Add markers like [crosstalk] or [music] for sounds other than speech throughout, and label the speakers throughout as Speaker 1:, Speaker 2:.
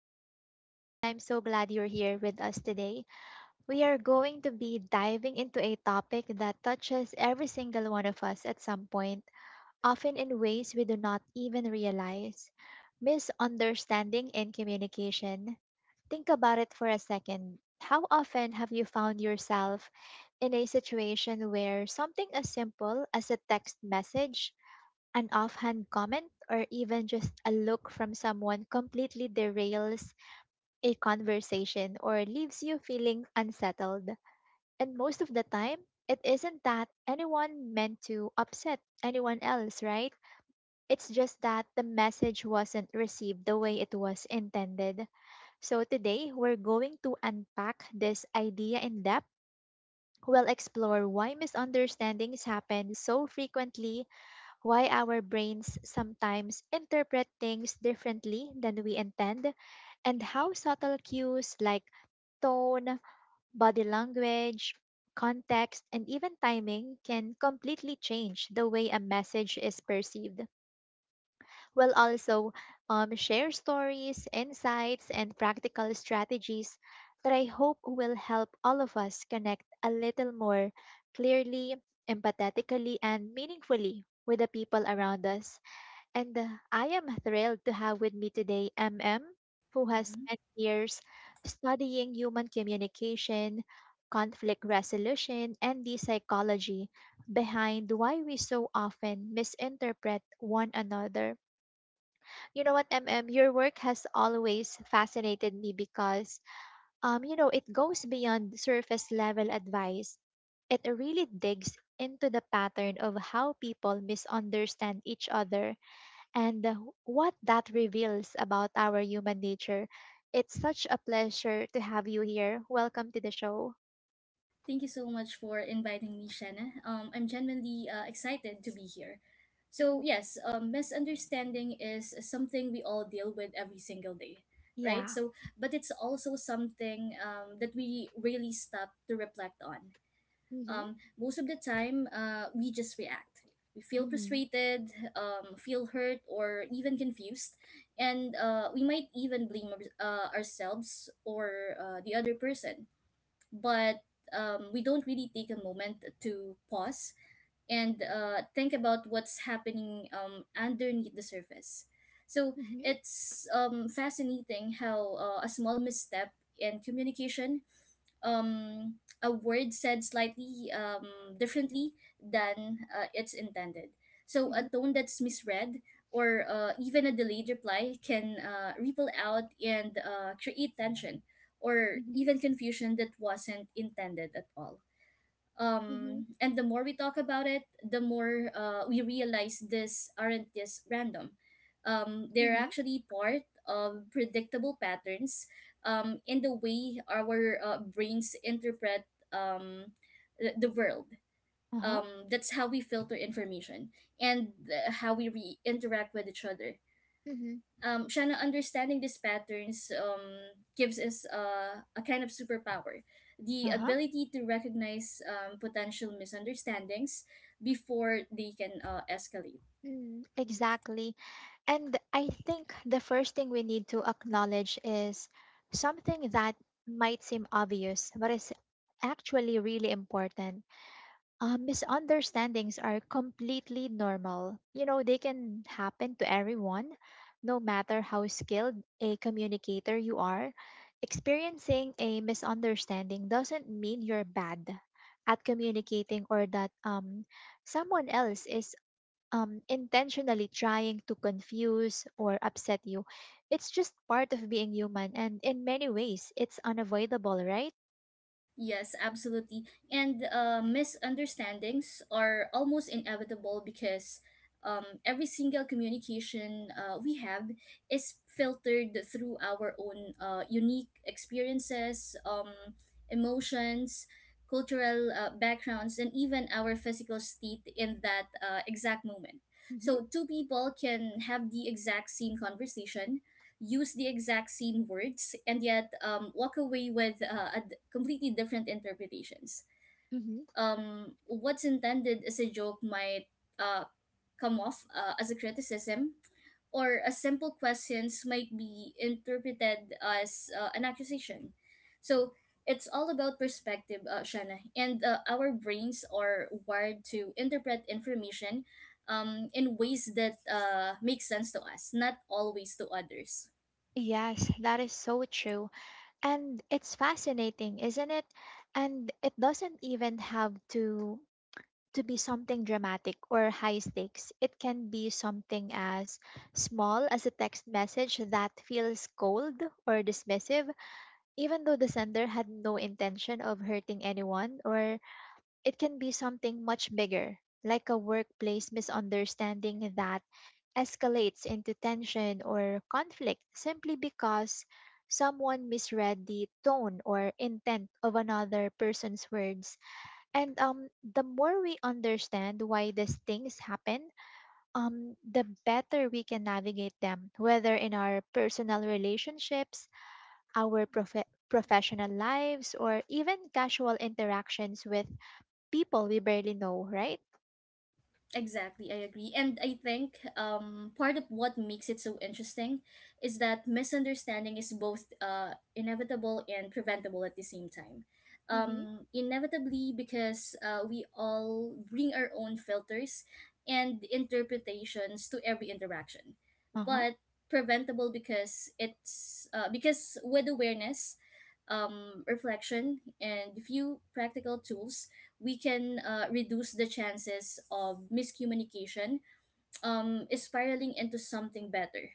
Speaker 1: I'm Shanna, and I'm so glad you're here with us today. We are going to be diving into a topic that touches every single one of us at some point, often in ways we do not even realize misunderstanding and communication. Think about it for a second. How often have you found yourself in a situation where something as simple as a text message, an offhand comment, or even just a look from someone completely derails a conversation or leaves you feeling unsettled. And most of the time, it isn't that anyone meant to upset anyone else, right? It's just that the message wasn't received the way it was intended. So today, we're going to unpack this idea in depth. We'll explore why misunderstandings happen so frequently, why our brains sometimes interpret things differently than we intend, and how subtle cues like tone, body language, context, and even timing can completely change the way a message is perceived. We'll also share stories, insights, and practical strategies that I hope will help all of us connect a little more clearly, empathetically, and meaningfully with the people around us. And I am thrilled to have with me today MM, who has
Speaker 2: Mhm.
Speaker 1: spent years studying human communication, conflict resolution, and the psychology behind why we so often misinterpret one another. You know what, MM, your work has always fascinated me because, it goes beyond surface level advice. It really digs into the pattern of how people misunderstand each other and what that reveals about our human nature. It's such a pleasure to have you here. Welcome to the show.
Speaker 2: Thank you so much for inviting me, Shanna. I'm genuinely excited to be here. So,
Speaker 1: Mhm.
Speaker 2: yes, misunderstanding is something we all deal with every single day, right?
Speaker 1: Yeah.
Speaker 2: But it's also something that we really stop to reflect on.
Speaker 1: Mhm.
Speaker 2: Most of the time, we just react. We feel
Speaker 1: Mhm.
Speaker 2: frustrated, feel hurt, or even confused. And we might even blame ourselves or the other person, but we don't really take a moment to pause and think about what's happening underneath the surface. So
Speaker 1: Mhm.
Speaker 2: it's fascinating how a small misstep in communication, um, a word said slightly differently than it's intended. So a
Speaker 1: Mhm.
Speaker 2: tone that's misread or even a delayed reply can ripple out and create tension or
Speaker 1: Mhm.
Speaker 2: even confusion that wasn't intended at all.
Speaker 1: Mhm.
Speaker 2: And the more we talk about it, the more we realize this aren't just random. They're
Speaker 1: Mhm.
Speaker 2: actually part of predictable patterns in the way our brains interpret um the world.
Speaker 1: Uh-huh.
Speaker 2: That's how we filter information and how we interact with each other.
Speaker 1: Mhm.
Speaker 2: Shanna, understanding these patterns gives us a kind of superpower, the
Speaker 1: Uh-huh.
Speaker 2: ability to recognize potential misunderstandings before they can escalate.
Speaker 1: Mhm. Exactly. And I think the first thing we need to acknowledge is something that might seem obvious, but it's actually really important. Misunderstandings are completely normal. They can happen to everyone, no matter how skilled a communicator you are. Experiencing a misunderstanding doesn't mean you're bad at communicating or that someone else is intentionally trying to confuse or upset you. It's just part of being human, and in many ways, it's unavoidable, right?
Speaker 2: Yes, absolutely. And misunderstandings are almost inevitable because every single communication we have is filtered through our own unique experiences, emotions, cultural backgrounds, and even our physical state in that exact moment.
Speaker 1: Mm-hmm.
Speaker 2: So, two people can have the exact same conversation, use the exact same words, and yet walk away with completely different interpretations.
Speaker 1: Mm-hmm.
Speaker 2: What's intended as a joke might uh, come off as a criticism, or a simple questions might be interpreted as an accusation. So it's all about perspective, Shana, and our brains are wired to interpret information in ways that make sense to us, not always to others.
Speaker 1: Yes, that is so true. And it's fascinating, isn't it? And it doesn't even have to be something dramatic or high stakes. It can be something as small as a text message that feels cold or dismissive, even though the sender had no intention of hurting anyone. Or it can be something much bigger, like a workplace misunderstanding that escalates into tension or conflict simply because someone misread the tone or intent of another person's words. And the more we understand why these things happen, the better we can navigate them, whether in our personal relationships, professional lives, or even casual interactions with people we barely know, right?
Speaker 2: Exactly, I agree. And I think part of what makes it so interesting is that misunderstanding is both inevitable and preventable at the same time.
Speaker 1: Mm-hmm.
Speaker 2: Inevitably, because we all bring our own filters and interpretations to every interaction,
Speaker 1: Uh-huh.
Speaker 2: but preventable because it's because with awareness, reflection, and few practical tools, we can reduce the chances of miscommunication spiraling into something better.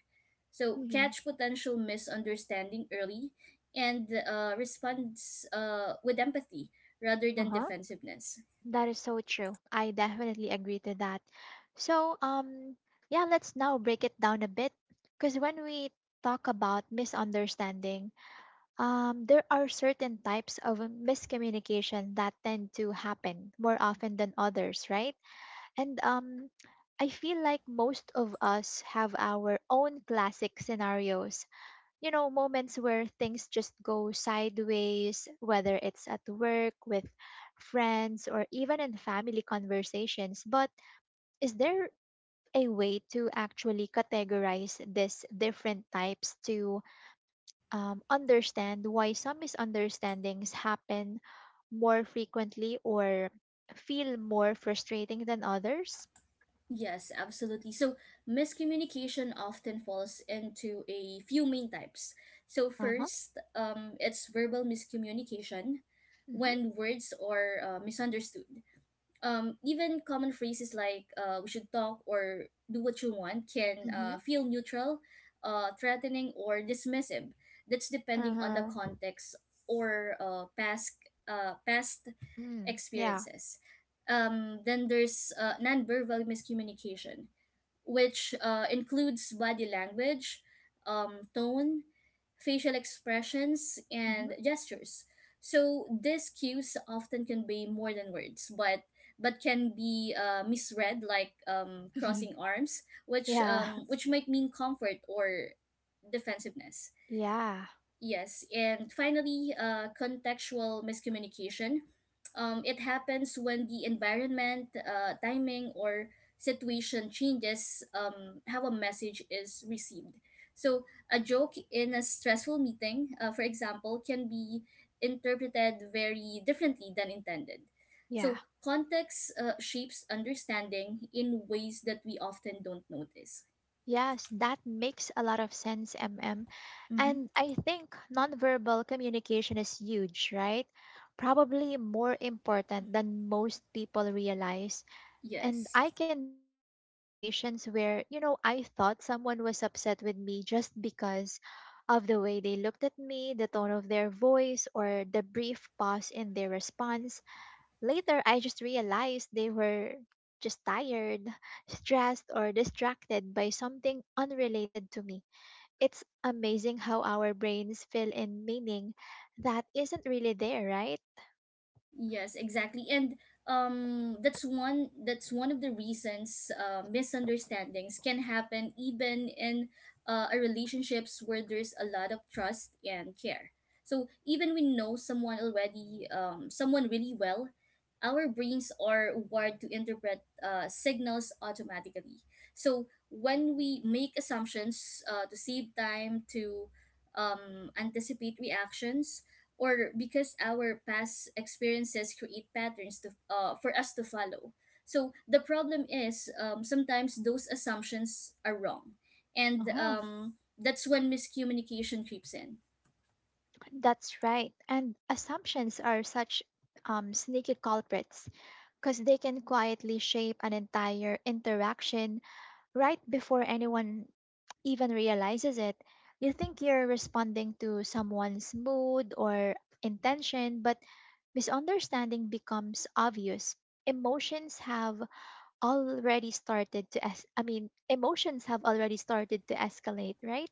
Speaker 2: So,
Speaker 1: Mm-hmm.
Speaker 2: catch potential misunderstanding early and respond with empathy rather
Speaker 1: Uh
Speaker 2: than
Speaker 1: huh.
Speaker 2: defensiveness.
Speaker 1: That is so true. I definitely agree to that. So, yeah, let's now break it down a bit. Because when we talk about misunderstanding, there are certain types of miscommunication that tend to happen more often than others, right? And I feel like most of us have our own classic scenarios, moments where things just go sideways, whether it's at work, with friends, or even in family conversations. But is there a way to actually categorize these different types to understand why some misunderstandings happen more frequently or feel more frustrating than others?
Speaker 2: Yes, absolutely. So, miscommunication often falls into a few main types. So,
Speaker 1: Uh huh.
Speaker 2: first, it's verbal miscommunication
Speaker 1: Mm-hmm.
Speaker 2: when words are misunderstood. Even common phrases like we should talk or do what you want can
Speaker 1: Mm-hmm.
Speaker 2: feel neutral, threatening, or dismissive. That's
Speaker 1: Uh
Speaker 2: depending on the
Speaker 1: huh.
Speaker 2: context or past
Speaker 1: Mm, yeah.
Speaker 2: experiences. Then there's nonverbal miscommunication, which includes body language, tone, facial expressions, and gestures. So these cues often convey more than words, but can be misread, like
Speaker 1: Mm-hmm.
Speaker 2: crossing arms, which
Speaker 1: [laughs] yeah.
Speaker 2: which might mean comfort or defensiveness.
Speaker 1: Yeah.
Speaker 2: Yes, and finally, contextual miscommunication. It happens when the environment, timing, or situation changes how a message is received. So, a joke in a stressful meeting, for example, can be interpreted very differently than intended. So,
Speaker 1: Yeah.
Speaker 2: context shapes understanding in ways that we often don't notice.
Speaker 1: Yes, that makes a lot of sense, MM.
Speaker 2: hmm
Speaker 1: And I think nonverbal communication is huge, right? Probably more important than most people realize. And
Speaker 2: Yes.
Speaker 1: I can think of situations where, I thought someone was upset with me just because of the way they looked at me, the tone of their voice, or the brief pause in their response. Later, I just realized they were just tired, [laughs] stressed, or distracted by something unrelated to me. It's amazing how our brains fill in meaning that isn't really there, right?
Speaker 2: Yes, exactly. And that's one of the reasons misunderstandings can happen even in a relationships where there's a lot of trust and care. So even we know someone already, someone really well, our brains are wired to interpret signals automatically. So when we make assumptions to save time, to anticipate reactions, or because our past experiences create patterns for us to follow. So the problem is, sometimes those assumptions are wrong, and
Speaker 1: Uh-huh.
Speaker 2: that's when miscommunication creeps in.
Speaker 1: That's right. And assumptions are such sneaky culprits because they can quietly shape an entire interaction right before anyone even realizes it. You think you're responding to someone's mood or intention, but misunderstanding becomes obvious. Emotions have already started to es- I mean, emotions have already started to escalate, right?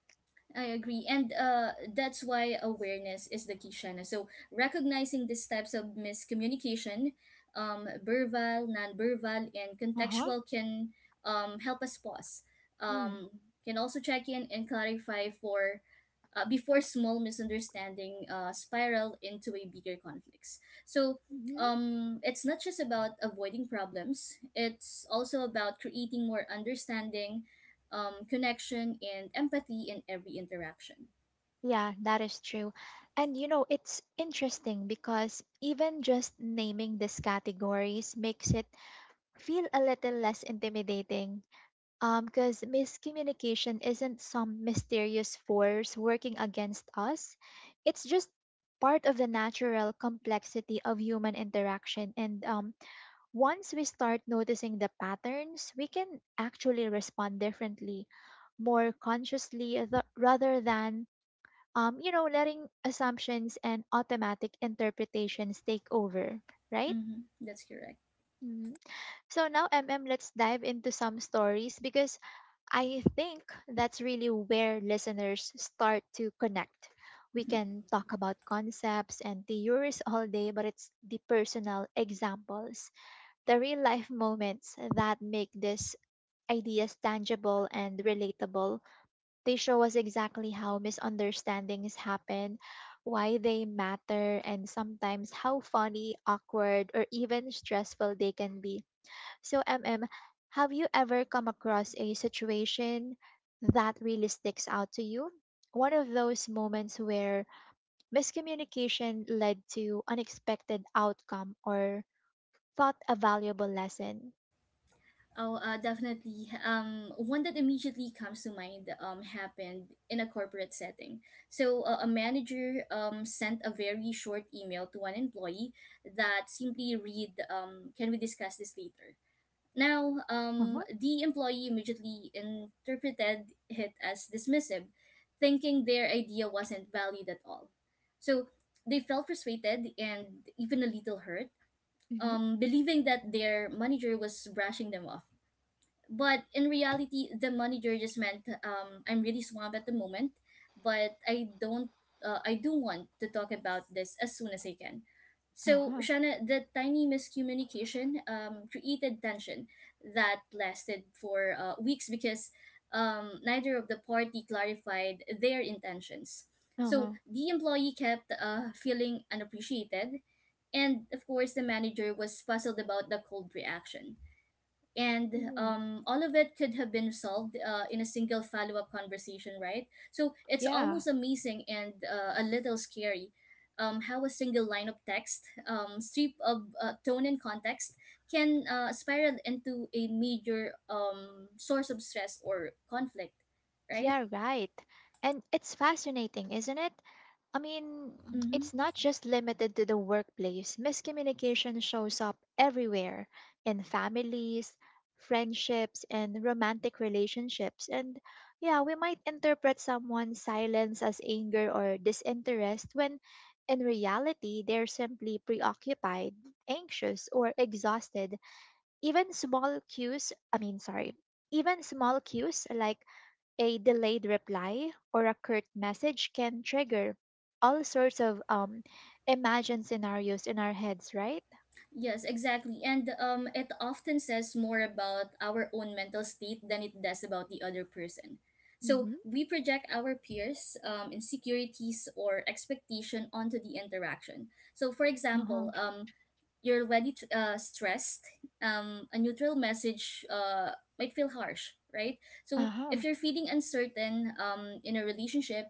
Speaker 2: I agree, and that's why awareness is the key, Shana. So recognizing these types of miscommunication, verbal, non-verbal, and
Speaker 1: Uh-huh.
Speaker 2: contextual can help us pause.
Speaker 1: Mm.
Speaker 2: Um, can also check in and clarify for before small misunderstanding spiral into a bigger conflicts. So it's not just about avoiding problems; it's also about creating more understanding, connection, and empathy in every interaction.
Speaker 1: Yeah, that is true. And you know, it's interesting because even just naming these categories makes it feel a little less intimidating. Because miscommunication isn't some mysterious force working against us. It's just part of the natural complexity of human interaction. And once we start noticing the patterns, we can actually respond differently, more consciously, rather than letting assumptions and automatic interpretations take over, right?
Speaker 2: Mm-hmm, that's correct.
Speaker 1: Mhm. So now, MM, let's dive into some stories because I think that's really where listeners start to connect. We can talk about concepts and theories [laughs] all day, but it's the personal examples, the real life moments that make these ideas tangible and relatable. They show us exactly how misunderstandings happen, why they matter, and sometimes how funny, awkward, or even stressful they can be. So, MM, have you ever come across a situation that really sticks out to you? One of those moments where miscommunication led to unexpected outcome or taught a valuable lesson.
Speaker 2: Oh, definitely. One that immediately comes to mind happened in a corporate setting. So, a manager sent a very short email to one employee that simply read, can we discuss this later? Now,
Speaker 1: Mm-hmm.
Speaker 2: the employee immediately interpreted it as dismissive, thinking their idea wasn't valued at all. So, they felt frustrated and even a little hurt,
Speaker 1: Mm-hmm.
Speaker 2: believing that their manager was brushing them off, but in reality the money just meant, I'm really swamped at the moment, but I don't, I do want to talk about this as soon as I can.
Speaker 1: Uh
Speaker 2: So
Speaker 1: huh.
Speaker 2: Shana, the tiny miscommunication created tension that lasted for weeks because neither of the party clarified their intentions.
Speaker 1: Uh
Speaker 2: So
Speaker 1: huh.
Speaker 2: the employee kept feeling unappreciated, and of course the manager was puzzled about the cold reaction. And
Speaker 1: Hmm.
Speaker 2: all of it could have been resolved in a single follow-up conversation, right? So it's
Speaker 1: Yeah.
Speaker 2: almost amazing and a little scary, how a single line of text, strip of tone and context, can spiral into a major source of stress or conflict, right?
Speaker 1: Yeah, right. And it's fascinating, isn't it? I mean,
Speaker 2: mm-hmm.
Speaker 1: it's not just limited to the workplace. Miscommunication shows up everywhere, in families, friendships, and romantic relationships. And yeah, we might interpret someone's silence as anger or disinterest when in reality they're simply preoccupied, anxious, or exhausted. I mean, sorry, even small cues like a delayed reply or a curt message can trigger all sorts of imagined scenarios in our heads, right?
Speaker 2: Yes, exactly. And it often says more about our own mental state than it does about the other person. So
Speaker 1: Mm-hmm.
Speaker 2: we project our peers' insecurities or expectation onto the interaction. So, for example,
Speaker 1: Uh-huh.
Speaker 2: you're already stressed, a neutral message might feel harsh, right? So if
Speaker 1: Uh-huh.
Speaker 2: you're feeling uncertain in a relationship,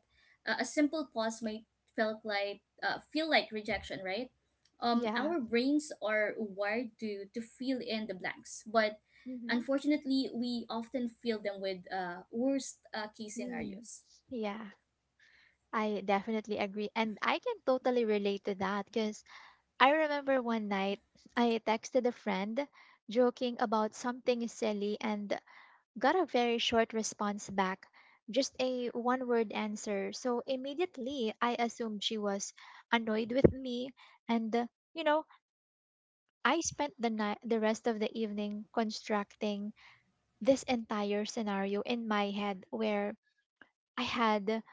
Speaker 2: a simple pause might felt like feel like rejection, right?
Speaker 1: Yeah.
Speaker 2: Our brains are wired to fill in the blanks, but
Speaker 1: Mm-hmm.
Speaker 2: unfortunately, we often fill them with worst case
Speaker 1: Mm.
Speaker 2: scenarios.
Speaker 1: Yeah. I definitely agree. And I can totally relate to that because I remember one night I texted a friend joking about something silly and got a very short response back, just a one word answer. So immediately I assumed she was annoyed with me, and you know, I spent the night the rest of the evening constructing this entire scenario in my head where I had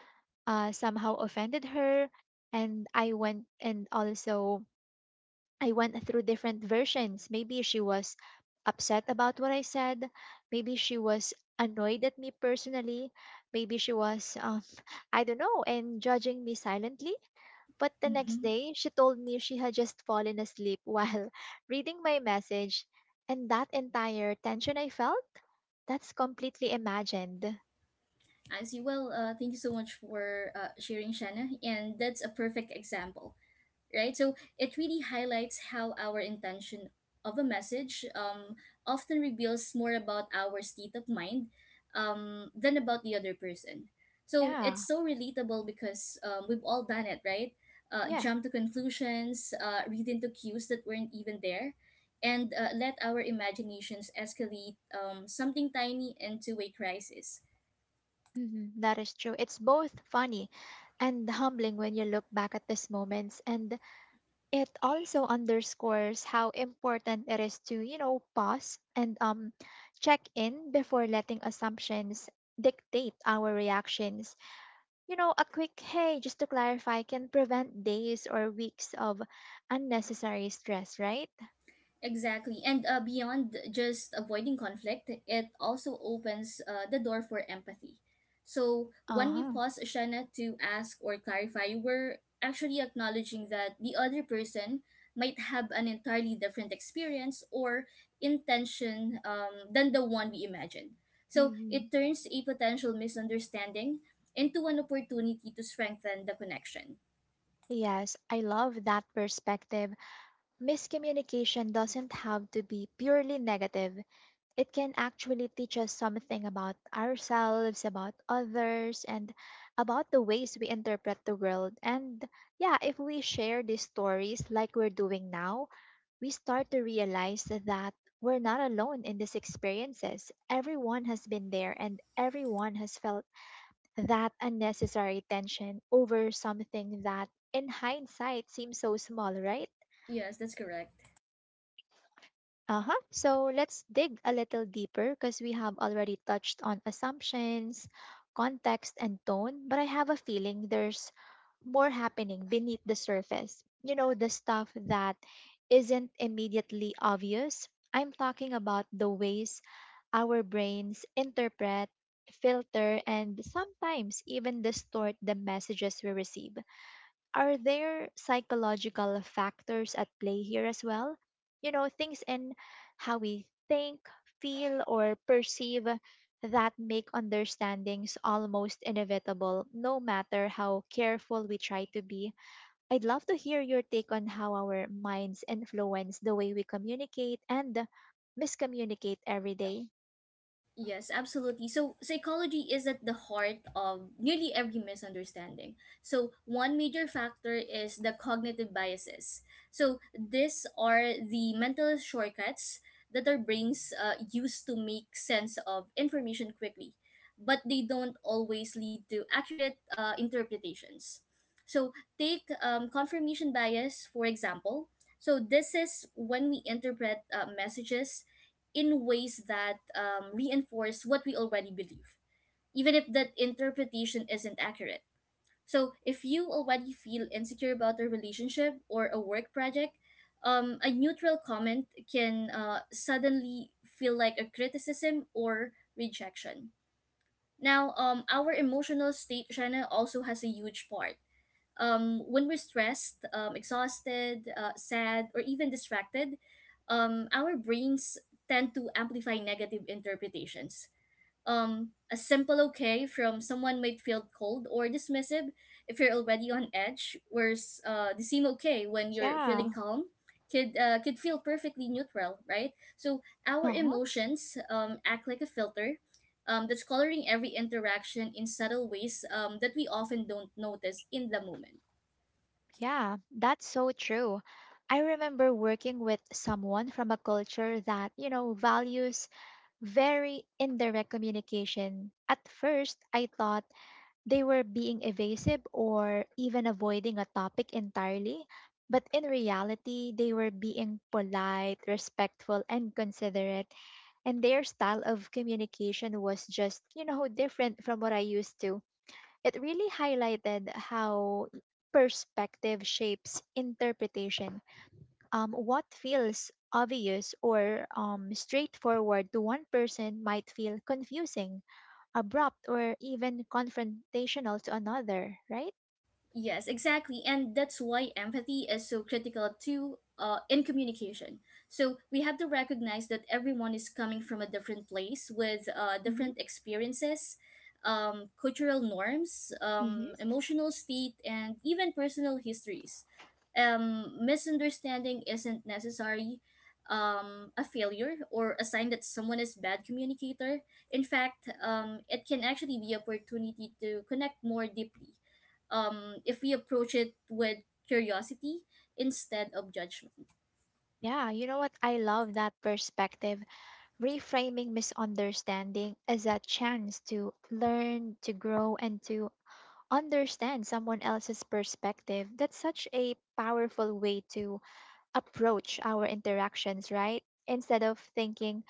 Speaker 1: somehow offended her. And I went and also I went through different versions. Maybe she was upset about what I said. Maybe she was annoyed at me personally. Maybe she was, [laughs] I don't know, and judging me silently. But the next
Speaker 2: Mm-hmm.
Speaker 1: day, she told me she had just fallen asleep while [laughs] reading my message. And that entire tension I felt, that's completely imagined.
Speaker 2: I see. Well, thank you so much for sharing, Shanna, and that's a perfect example, right? So it really highlights how our intention of a message often reveals more about our state of mind than about the other person. So
Speaker 1: Yeah,
Speaker 2: it's so relatable because we've all done it, right?
Speaker 1: yeah.
Speaker 2: Jump to conclusions, read into cues that weren't even there, and let our imaginations escalate something tiny into a crisis.
Speaker 1: Mhm, that is true. It's both funny and humbling when you look back at these moments, and it also underscores how important it is to, pause and check in before letting assumptions dictate our reactions. You know, a quick hey just to clarify can prevent days or weeks of unnecessary stress, right?
Speaker 2: Exactly. And beyond just avoiding conflict, it also opens the door for empathy. So when we
Speaker 1: Uh-huh.
Speaker 2: pause, Shana, to ask or clarify, we're actually acknowledging that the other person might have an entirely different experience or intention than the one we imagined. So it
Speaker 1: Hmm.
Speaker 2: turns a potential misunderstanding into an opportunity to strengthen the connection.
Speaker 1: Yes, I love that perspective. Miscommunication doesn't have to be purely negative. It can actually teach us something about ourselves, about others, and about the ways we interpret the world. And yeah, if we share these stories like we're doing now, we start to realize that we're not alone in these experiences. Everyone has been there and everyone has felt that unnecessary tension over something that, in hindsight, seems so small, right?
Speaker 2: Yes, that's correct.
Speaker 1: Uh huh. So let's dig a little deeper, because we have already touched on assumptions, context, and tone, but I have a feeling there's more happening beneath the surface. You know, the stuff that isn't immediately obvious. I'm talking about the ways our brains interpret, filter, and sometimes even distort the messages we receive. Are there psychological factors at play here as well? You know, things in how we think, feel, or perceive that make understandings almost inevitable, no matter how careful we try to be. I'd love to hear your take on how our minds influence the way we communicate and miscommunicate every day.
Speaker 2: Yes, absolutely. So, psychology is at the heart of nearly every misunderstanding. So, one major factor is the cognitive biases. So, these are the mental shortcuts that our brains use to make sense of information quickly, but they don't always lead to accurate interpretations. So, take confirmation bias, for example. So, this is when we interpret messages in ways that reinforce what we already believe, even if that interpretation isn't accurate. So, if you already feel insecure about a relationship or a work project, a neutral comment can suddenly feel like a criticism or rejection. Now, our emotional state, Shanna, also has a huge part. When we're stressed, exhausted, sad, or even distracted, our brains tend to amplify negative interpretations. A simple okay from someone might feel cold or dismissive if you're already on edge, whereas the same okay when you're feeling
Speaker 1: Yeah.
Speaker 2: calm could, could feel perfectly neutral, right? So our emotions act like a filter that's coloring every interaction in subtle ways that we often don't notice in the moment.
Speaker 1: Yeah, that's so true. I remember working with someone from a culture that, values very indirect communication. At first, I thought they were being evasive or even avoiding a topic entirely, but in reality, they were being polite, respectful, and considerate. And their style of communication was just, different from what I used to. It really highlighted how perspective shapes interpretation. What feels obvious or straightforward to one person might feel confusing, abrupt, or even confrontational to another, right?
Speaker 2: Yes, exactly. And that's why empathy is so critical too in communication. So we have to recognize that everyone is coming from a different place with
Speaker 1: Mm-hmm.
Speaker 2: different experiences, cultural norms,
Speaker 1: Mm-hmm.
Speaker 2: emotional state, and even personal histories. Misunderstanding isn't necessary a failure or a sign that someone is bad communicator. In fact, it can actually be opportunity to connect more deeply if we approach it with curiosity instead of judgment.
Speaker 1: Yeah, you know what? I love that perspective. Reframing misunderstanding as a chance to learn, to grow, and to understand someone else's perspective. That's such a powerful way to approach our interactions, right? Instead of thinking,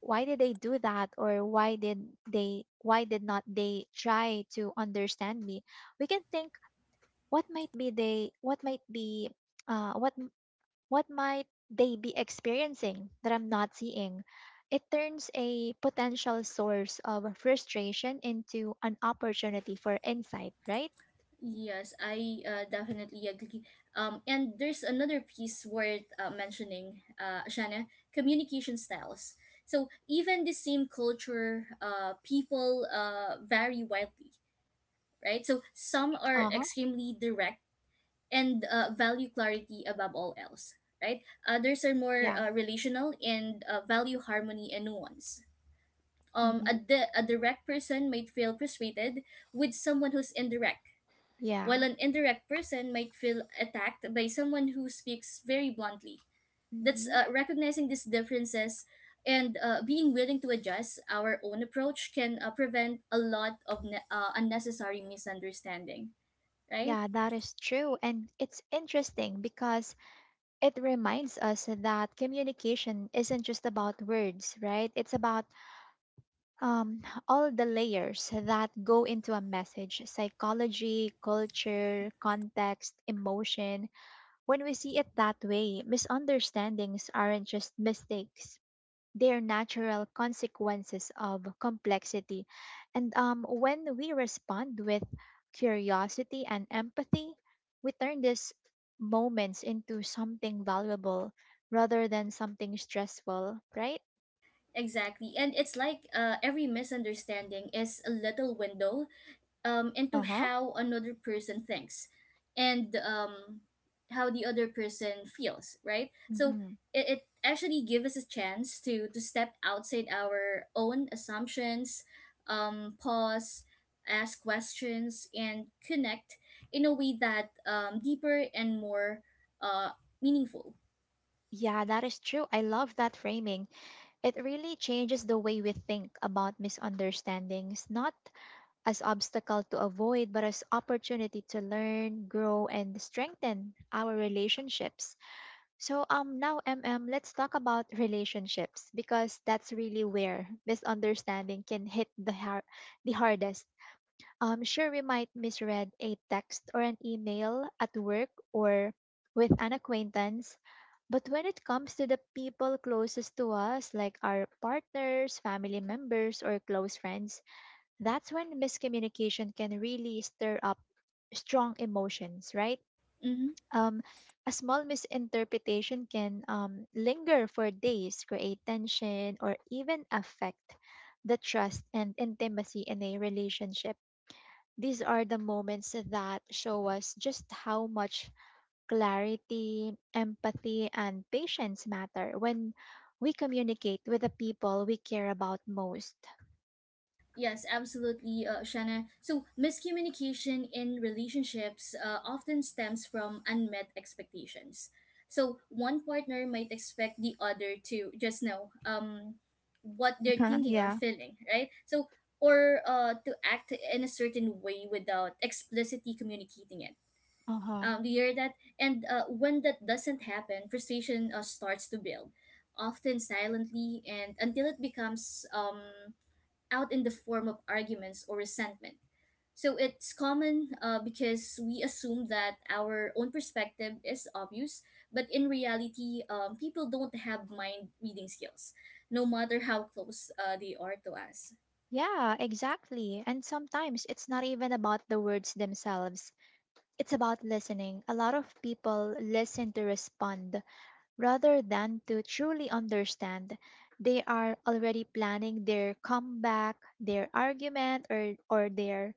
Speaker 1: why did they do that or why did they why did not they try to understand me? We can think what might be they what might be what m- what might they be experiencing that I'm not seeing. It turns a potential source of frustration into an opportunity for insight, right?
Speaker 2: Yes, I definitely agree. And there's another piece worth mentioning, Shana: communication styles. So even the same culture, people vary widely, right? So some are
Speaker 1: Uh-huh.
Speaker 2: extremely direct and value clarity above all else, right? Others are more
Speaker 1: Yeah.
Speaker 2: relational and value harmony and nuance. Um,
Speaker 1: Mm-hmm.
Speaker 2: a, di- a direct person might feel frustrated with someone who's indirect, while
Speaker 1: Yeah.
Speaker 2: an indirect person might feel attacked by someone who speaks very bluntly. That's,
Speaker 1: Mm-hmm.
Speaker 2: recognizing these differences and being willing to adjust our own approach can prevent a lot of unnecessary misunderstanding, right?
Speaker 1: Yeah, that is true. And it's interesting because it reminds us that communication isn't just about words, right? It's about all the layers that go into a message: psychology, culture, context, emotion. When we see it that way, misunderstandings aren't just mistakes, they're natural consequences of complexity. And when we respond with curiosity and empathy, we turn these moments into something valuable rather than something stressful, right?
Speaker 2: Exactly. And it's like, every misunderstanding is a little window and to
Speaker 1: Uh huh.
Speaker 2: how another person thinks and how the other person feels, right? So
Speaker 1: Mm-hmm.
Speaker 2: it actually gives us a chance to step outside our own assumptions, pause, ask questions, and connect in a way that deeper and more uh, meaningful.
Speaker 1: Yeah, that is true. I love that framing. It really changes the way we think about misunderstandings, not as obstacle to avoid, but as opportunity to learn, grow, and strengthen our relationships. So now, let's talk about relationships because that's really where misunderstanding can hit the hardest. Sure, we might misread a text or an email at work or with an acquaintance, but when it comes to the people closest to us, like our partners, family members, or close friends, that's when miscommunication can really stir up strong emotions, right?
Speaker 2: Mm-hmm.
Speaker 1: Um, a small misinterpretation can linger for days, create tension, or even affect the trust and intimacy in a relationship. These are the moments that show us just how much clarity, empathy, and patience matter when we communicate with the people we care about most.
Speaker 2: Yes, absolutely, Shanna. So miscommunication in relationships often stems from unmet expectations. So one partner might expect the other to just know what they're
Speaker 1: Uh-huh,
Speaker 2: thinking or
Speaker 1: yeah.
Speaker 2: feeling, right? So, or to act in a certain way without explicitly communicating it.
Speaker 1: Uh-huh.
Speaker 2: Do you hear that? And when that doesn't happen, frustration starts to build, often silently, and until it becomes, out in the form of arguments or resentment. So it's common, because we assume that our own perspective is obvious, but in reality, people don't have mind reading skills, no matter how close they are to us.
Speaker 1: Yeah, exactly. And sometimes it's not even about the words themselves. It's about listening. A lot of people listen to respond rather than to truly understand. They are already planning their comeback, their argument, or their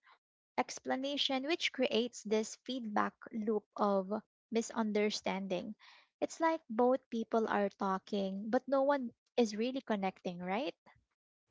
Speaker 1: explanation, which creates this feedback loop of misunderstanding. It's like both people are talking, but no one is really connecting, right?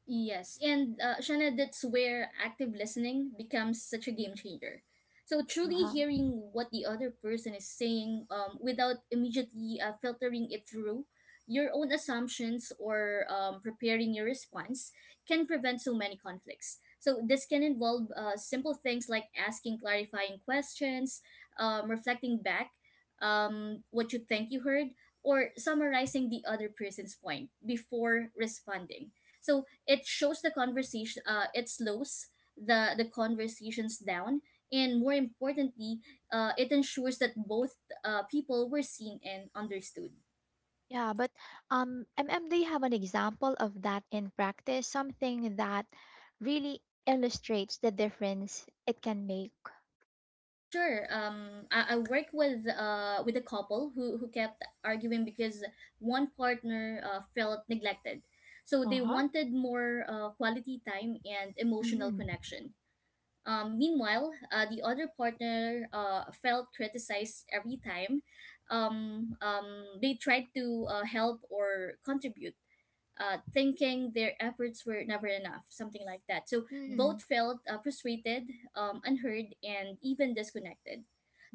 Speaker 2: Yes, and, Shana, that's where active listening becomes such a game changer. So truly
Speaker 1: Uh-huh.
Speaker 2: hearing what the other person is saying, without immediately filtering it through your own assumptions or preparing your response can prevent so many conflicts. So this can involve simple things like asking clarifying questions, reflecting back what you think you heard, or summarizing the other person's point before responding. So it shows the conversation, it slows the conversations down, and more importantly, it ensures that both people were seen and understood.
Speaker 1: Yeah, but do you have an example of that in practice? Something that really illustrates the difference it can make.
Speaker 2: Sure. I work with, with a couple who kept arguing because one partner felt neglected. So they
Speaker 1: Uh-huh.
Speaker 2: wanted more quality time and emotional
Speaker 1: Mm-hmm.
Speaker 2: connection. Meanwhile, the other partner felt criticized every time they tried to help or contribute, thinking their efforts were never enough, something like that. So
Speaker 1: Mm-hmm.
Speaker 2: both felt frustrated, unheard, and even disconnected.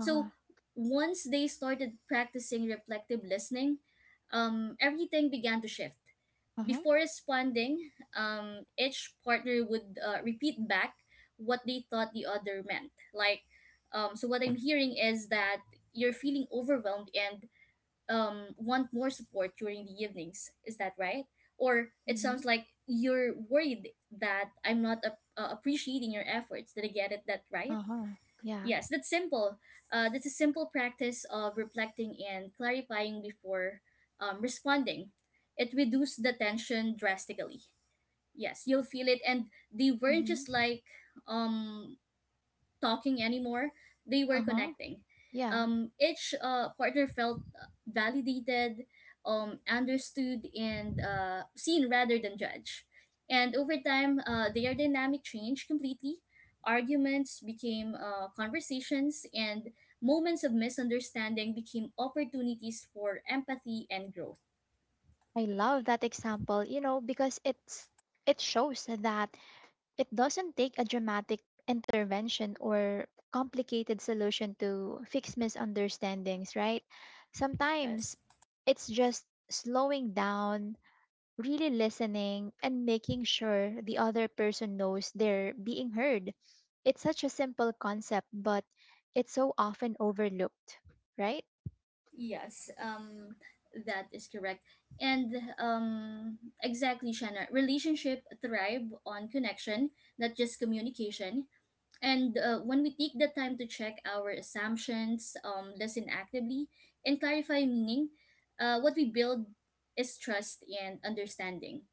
Speaker 1: Uh-huh.
Speaker 2: once they started practicing reflective listening, everything began to shift.
Speaker 1: Uh-huh.
Speaker 2: Before responding, each partner would repeat back what they thought the other meant. Like, so what I'm hearing is that you're feeling overwhelmed and want more support during the evenings. Is that right? Or it
Speaker 1: Mm-hmm.
Speaker 2: sounds like you're worried that I'm not appreciating your efforts. Did I get it that right?
Speaker 1: Uh-huh. Yeah.
Speaker 2: Yes, that's simple. That's a simple practice of reflecting and clarifying before responding. It reduced the tension drastically. Yes, you'll feel it, and they weren't
Speaker 1: Mm-hmm.
Speaker 2: just like, um talking anymore. They were
Speaker 1: Uh-huh.
Speaker 2: connecting.
Speaker 1: Yeah.
Speaker 2: Each partner felt validated, understood, and seen rather than judged. And over time, their dynamic changed completely. Arguments became, conversations, and moments of misunderstanding became opportunities for empathy and growth.
Speaker 1: I love that example, you know, because it shows that it doesn't take a dramatic intervention or complicated solution to fix misunderstandings, right?
Speaker 2: Yes.
Speaker 1: Sometimes it's just slowing down, really listening, and making sure the other person knows they're being heard. It's such a simple concept, but it's so often overlooked, right?
Speaker 2: Yes, that is correct. And, exactly, Shanna. Relationship thrive on connection, not just communication. And when we take the time to check our assumptions, listen actively, and clarify meaning, what we build is trust and understanding.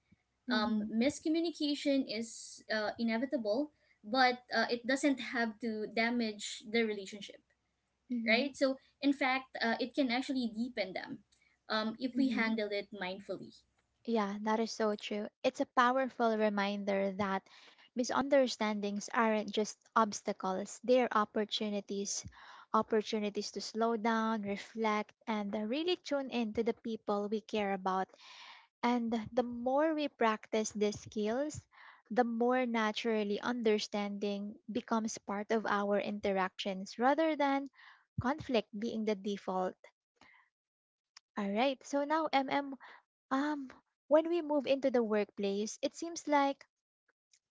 Speaker 1: Mhm.
Speaker 2: Miscommunication is inevitable, but it doesn't have to damage the relationship,
Speaker 1: Mhm.
Speaker 2: right? So, in fact, it can actually deepen them if we
Speaker 1: Mhm.
Speaker 2: handle it mindfully.
Speaker 1: Yeah, that is so true. It's a powerful reminder that misunderstandings aren't just obstacles, they're opportunities. Opportunities to slow down, reflect, and really tune in to the people we care about. And the more we practice these skills, the more naturally understanding becomes part of our interactions rather than conflict being the default. All right, so now, um, when we move into the workplace, it seems like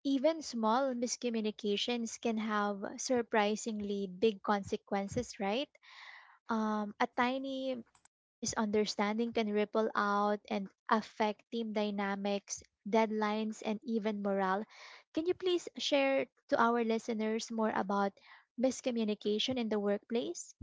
Speaker 1: even small miscommunications can have surprisingly big consequences, right? A tiny misunderstanding can ripple out and affect team dynamics, deadlines, and even morale. Can you please share to our listeners more about miscommunication in the workplace?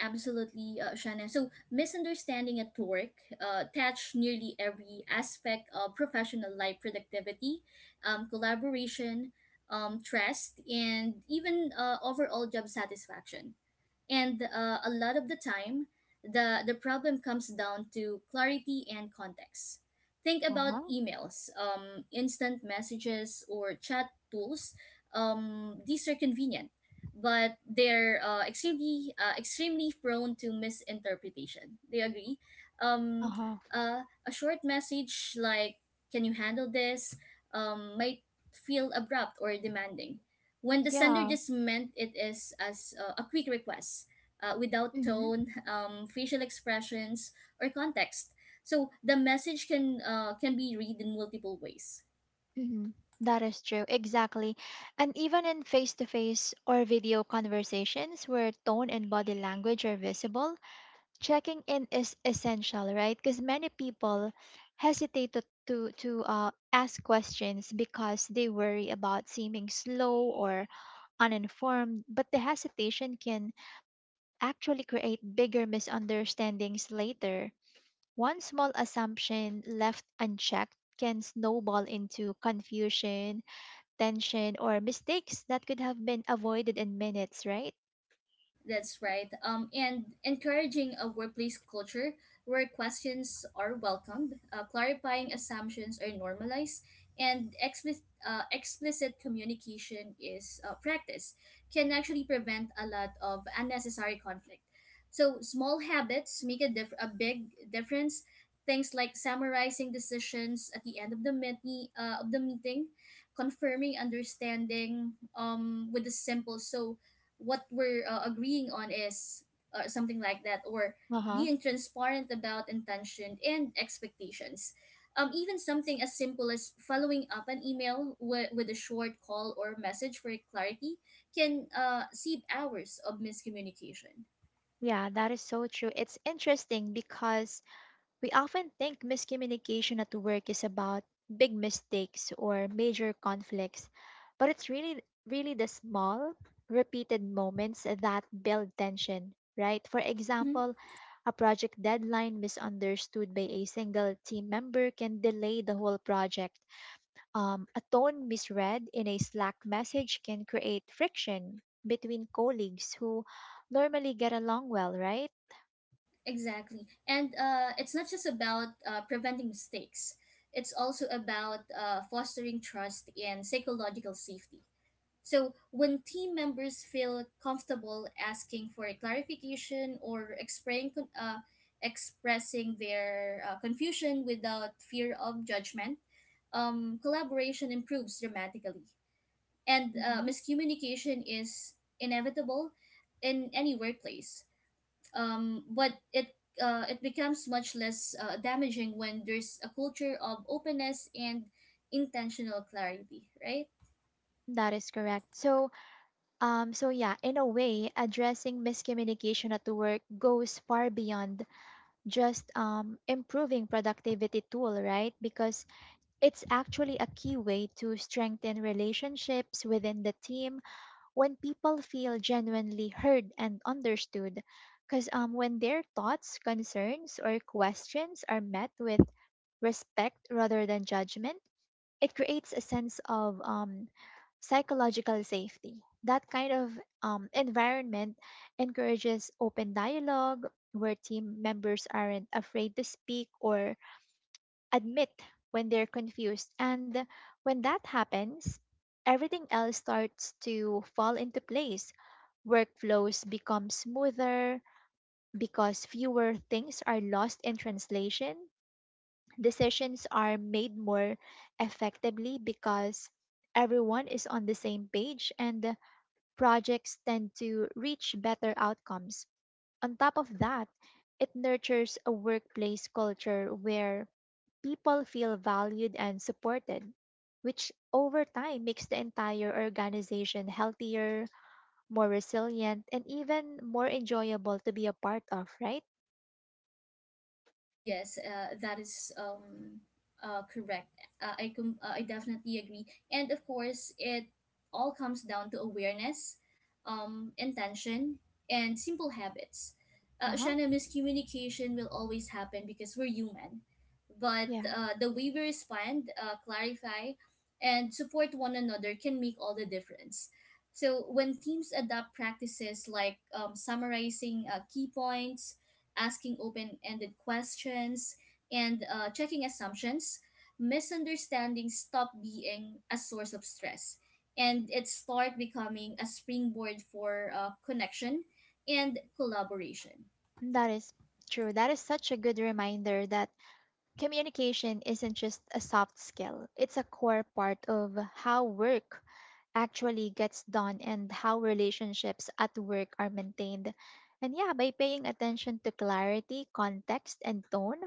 Speaker 2: Absolutely, Shanna. So misunderstanding at work touch nearly every aspect of professional life: productivity, collaboration, trust, and even overall job satisfaction. And a lot of the time, the problem comes down to clarity and context. Think
Speaker 1: Uh-huh.
Speaker 2: about emails, instant messages, or chat tools. These are convenient, but they're extremely prone to misinterpretation, do you agree? um,
Speaker 1: Uh-huh.
Speaker 2: a short message like, "can you handle this," might feel abrupt or demanding when the sender
Speaker 1: Yeah.
Speaker 2: just meant it is as a quick request, without
Speaker 1: Mm-hmm.
Speaker 2: tone, [laughs] facial expressions, or context. So the message can be read in multiple ways.
Speaker 1: Mm-hmm. That is true. Exactly. And even in face to face or video conversations, where tone and body language are visible, checking in is essential, right? Because many people hesitate to ask questions because they worry about seeming slow or uninformed, but the hesitation can actually create bigger misunderstandings later. One small assumption left unchecked can snowball into confusion, tension, or mistakes that could have been avoided in minutes, right?
Speaker 2: That's right. And encouraging a workplace culture where questions are welcomed, clarifying assumptions are normalized, and explicit communication is practiced can actually prevent a lot of unnecessary conflict. So small habits make a big difference. Things like summarizing decisions at the end of the meeting, confirming understanding with a simple, "so what we're agreeing on is," or something like that, or
Speaker 1: Uh huh.
Speaker 2: being transparent about intention and expectations, even something as simple as following up an email with a short call or message for clarity can save hours of miscommunication.
Speaker 1: Yeah, that is so true. It's interesting because we often think miscommunication at work is about big mistakes or major conflicts, but it's really the small, repeated moments that build tension, right? For
Speaker 2: Mm-hmm,
Speaker 1: example, a project deadline misunderstood by a single team member can delay the whole project. A tone misread in a Slack message can create friction between colleagues who normally get along well, right?
Speaker 2: exactly. And it's not just about preventing mistakes, it's also about fostering trust and psychological safety. So when team members feel comfortable asking for a clarification or expressing their confusion without fear of judgment, collaboration improves dramatically. And
Speaker 1: Mhm.
Speaker 2: miscommunication is inevitable in any workplace, but it becomes much less damaging when there's a culture of openness and intentional clarity, right?
Speaker 1: That is correct. So, so yeah, in a way, addressing miscommunication at work goes far beyond just improving productivity tool, right? Because it's actually a key way to strengthen relationships within the team when people feel genuinely heard and understood. Because when their thoughts, concerns, or questions are met with respect rather than judgment, it creates a sense of psychological safety. That kind of environment encourages open dialogue where team members aren't afraid to speak or admit when they're confused. And when that happens, everything else starts to fall into place. Workflows become smoother because fewer things are lost in translation. Decisions are made more effectively because everyone is on the same page, and projects tend to reach better outcomes. On top of that, it nurtures a workplace culture where people feel valued and supported, which over time makes the entire organization healthier, more resilient, and even more enjoyable to be a part of, right?
Speaker 2: Yes, that is, correct. I I definitely agree. And of course, it all comes down to awareness, intention, and simple habits.
Speaker 1: Uh-huh.
Speaker 2: Shanna, miscommunication will always happen because we're human. But
Speaker 1: Yeah,
Speaker 2: the way we respond, clarify, and support one another can make all the difference. So when teams adopt practices like summarizing key points, asking open ended questions, and checking assumptions, misunderstandings stop being a source of stress and it start becoming a springboard for connection and collaboration.
Speaker 1: that is true. That is such a good reminder that communication isn't just a soft skill, it's a core part of how work actually gets done and how relationships at work are maintained. And yeah, by paying attention to clarity, context, and tone,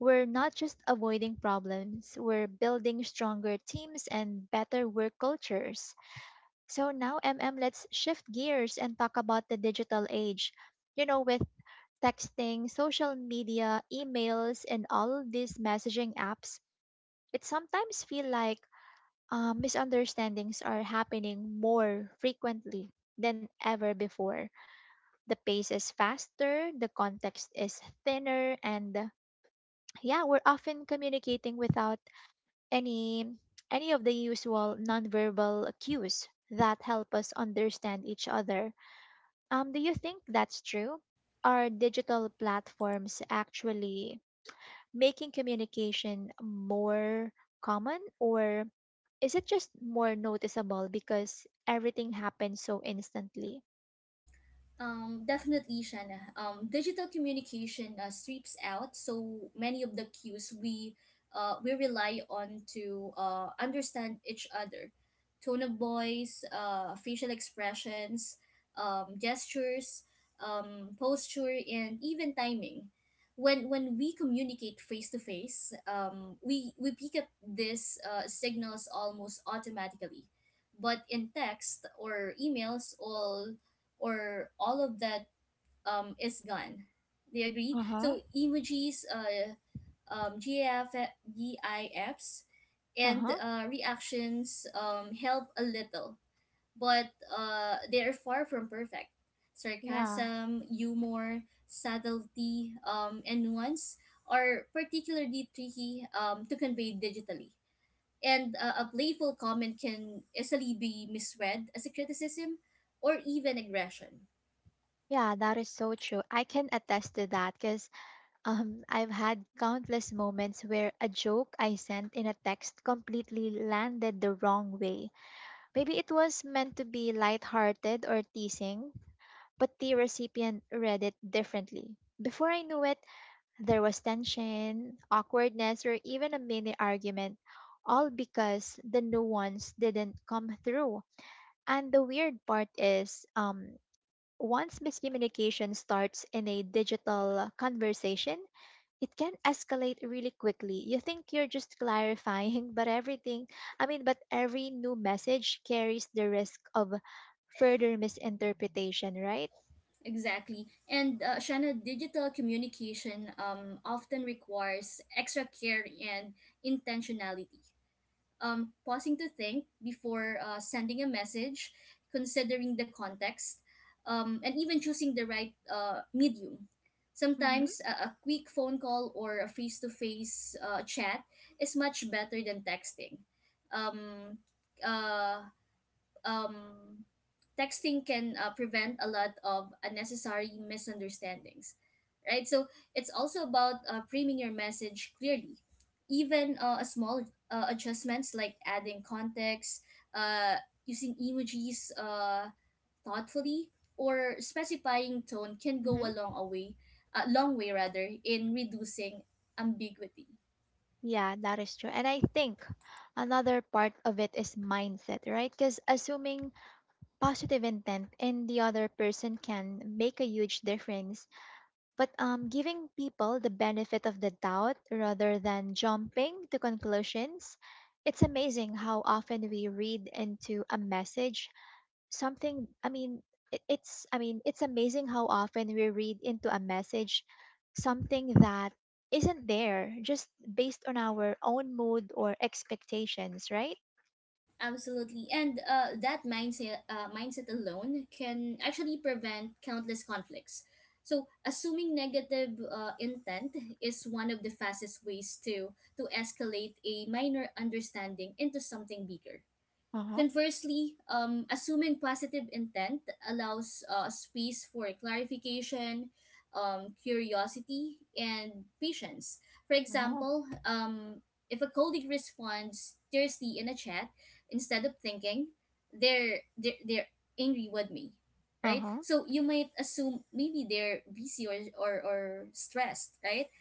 Speaker 1: we're not just avoiding problems, we're building stronger teams and better work cultures. So now, let's shift gears and talk about the digital age. You know, with texting, social media, emails, and all of these messaging apps, it sometimes feel like misunderstandings are happening more frequently than ever before. The pace is faster, the context is thinner, and yeah, we're often communicating without any any of the usual nonverbal cues that help us understand each other. Do you think that's true? Are digital platforms actually making communication more common, or is it just more noticeable because everything happens so instantly?
Speaker 2: Definitely, Shanna. Digital communication sweeps out so many of the cues we rely on to understand each other. Tone of voice, facial expressions, gestures, posture, and even timing. When we communicate face to face, we pick up these signals almost automatically. But in text or emails, all of that is gone. They agree.
Speaker 1: Uh-huh.
Speaker 2: So emojis, GIFs, and
Speaker 1: Uh-huh.
Speaker 2: reactions help a little, but they are far from perfect.
Speaker 1: Yeah.
Speaker 2: Sarcasm, humor, subtlety, and nuance are particularly tricky to convey digitally. And a playful comment can easily be misread as a criticism or even aggression.
Speaker 1: Yeah, that is so true. I can attest to that because I've had countless moments where a joke I sent in a text completely landed the wrong way. Maybe it was meant to be lighthearted or teasing, but the recipient read it differently. Before I knew it, there was tension, awkwardness, or even a mini argument, all because the nuance didn't come through. And the weird part is, once miscommunication starts in a digital conversation, it can escalate really quickly. You think you're just clarifying, but every new message carries the risk of further misinterpretation, right?
Speaker 2: Exactly. And Shanna, digital communication often requires extra care and intentionality. Pausing to think before sending a message, considering the context, and even choosing the right medium.
Speaker 1: Mm-hmm.
Speaker 2: Sometimes a quick phone call or a face to face chat is much better than texting. Um, uh, um, Texting can prevent a lot of unnecessary misunderstandings, right? So it's also about framing your message clearly. Even a small adjustments like adding context, uh, using emojis thoughtfully, or specifying tone can go
Speaker 1: Mm-hmm.
Speaker 2: a long way rather in reducing ambiguity.
Speaker 1: Yeah, that is true. And I think another part of it is mindset, right? Because assuming positive intent in the other person can make a huge difference. But giving people the benefit of the doubt rather than jumping to conclusions, it's amazing how often we read into a message something I mean it, it's I mean it's amazing how often we read into a message something that isn't there, just based on our own mood or expectations, right?
Speaker 2: Absolutely. And that mindset alone can actually prevent countless conflicts. So assuming negative intent is one of the fastest ways to escalate a minor understanding into something bigger.
Speaker 1: Uh-huh.
Speaker 2: Conversely, assuming positive intent allows space for clarification, curiosity, and patience. For
Speaker 1: Uh-huh.
Speaker 2: example, if a colleague responds tersely in a chat instead of thinking, they're angry with me, right?
Speaker 1: Uh-huh.
Speaker 2: So you might assume maybe they're busy or stressed, right?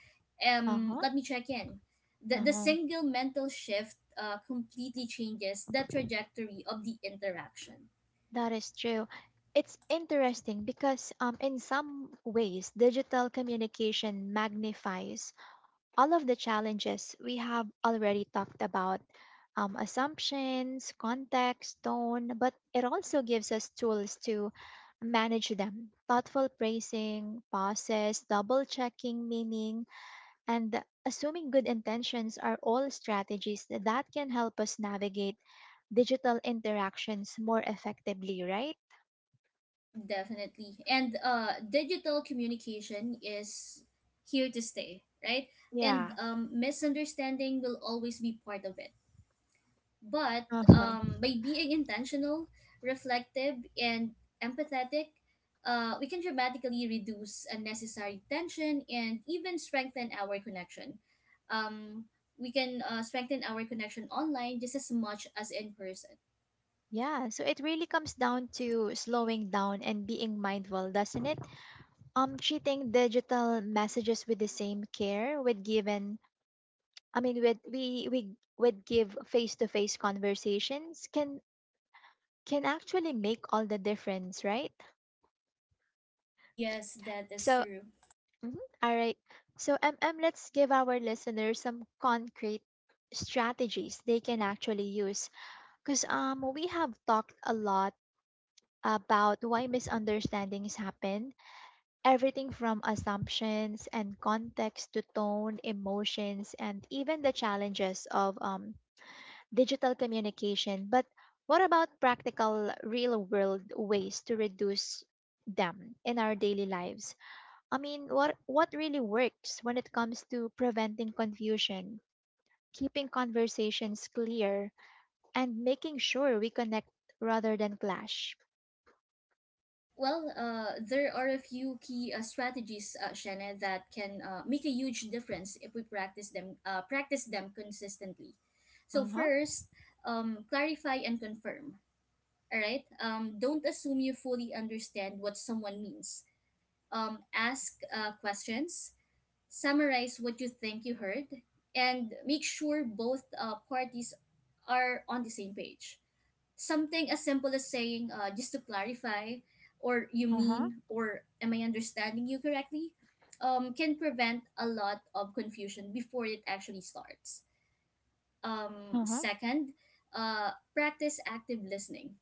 Speaker 1: Uh-huh.
Speaker 2: Let me check in. The
Speaker 1: Uh-huh.
Speaker 2: single mental shift completely changes the trajectory of the interaction.
Speaker 1: That is true. It's interesting because in some ways digital communication magnifies all of the challenges we have already talked about, assumptions, context, tone, but it also gives us tools to manage them. Thoughtful praising, pauses, double checking meaning, and assuming good intentions are all strategies that can help us navigate digital interactions more effectively, right?
Speaker 2: Definitely. And digital communication is here to stay, right? And
Speaker 1: Yeah.
Speaker 2: misunderstanding will always be part of it. But
Speaker 1: Uh-huh.
Speaker 2: by being intentional, reflective, and empathetic, we can dramatically reduce unnecessary tension and even strengthen our connection. Um, we can strengthen our connection online just as much as in person.
Speaker 1: Yeah, so it really comes down to slowing down and being mindful, doesn't it? Treating digital messages with the same care with given I mean with we would give face to face conversations can actually make all the difference, right?
Speaker 2: Yes, that is
Speaker 1: So
Speaker 2: true.
Speaker 1: mhm, all right, so let's give our listeners some concrete strategies they can actually use, because we have talked a lot about why misunderstandings happen. Everything from assumptions and context to tone, emotions, and even the challenges of digital communication. But what about practical, real world ways to reduce them in our daily lives? I mean, what really works when it comes to preventing confusion, keeping conversations clear, and making sure we connect rather than clash?
Speaker 2: Well, there are a few key strategies, Shannon, that can make a huge difference if we practice them. Practice them consistently. So
Speaker 1: Uh huh.
Speaker 2: first, clarify and confirm. All right. Don't assume you fully understand what someone means. Ask questions, summarize what you think you heard, and make sure both parties are on the same page. Something as simple as saying, "just to clarify," or "you mean," or "am I understanding you correctly," can prevent a lot of confusion before it actually starts. Second, practice active listening.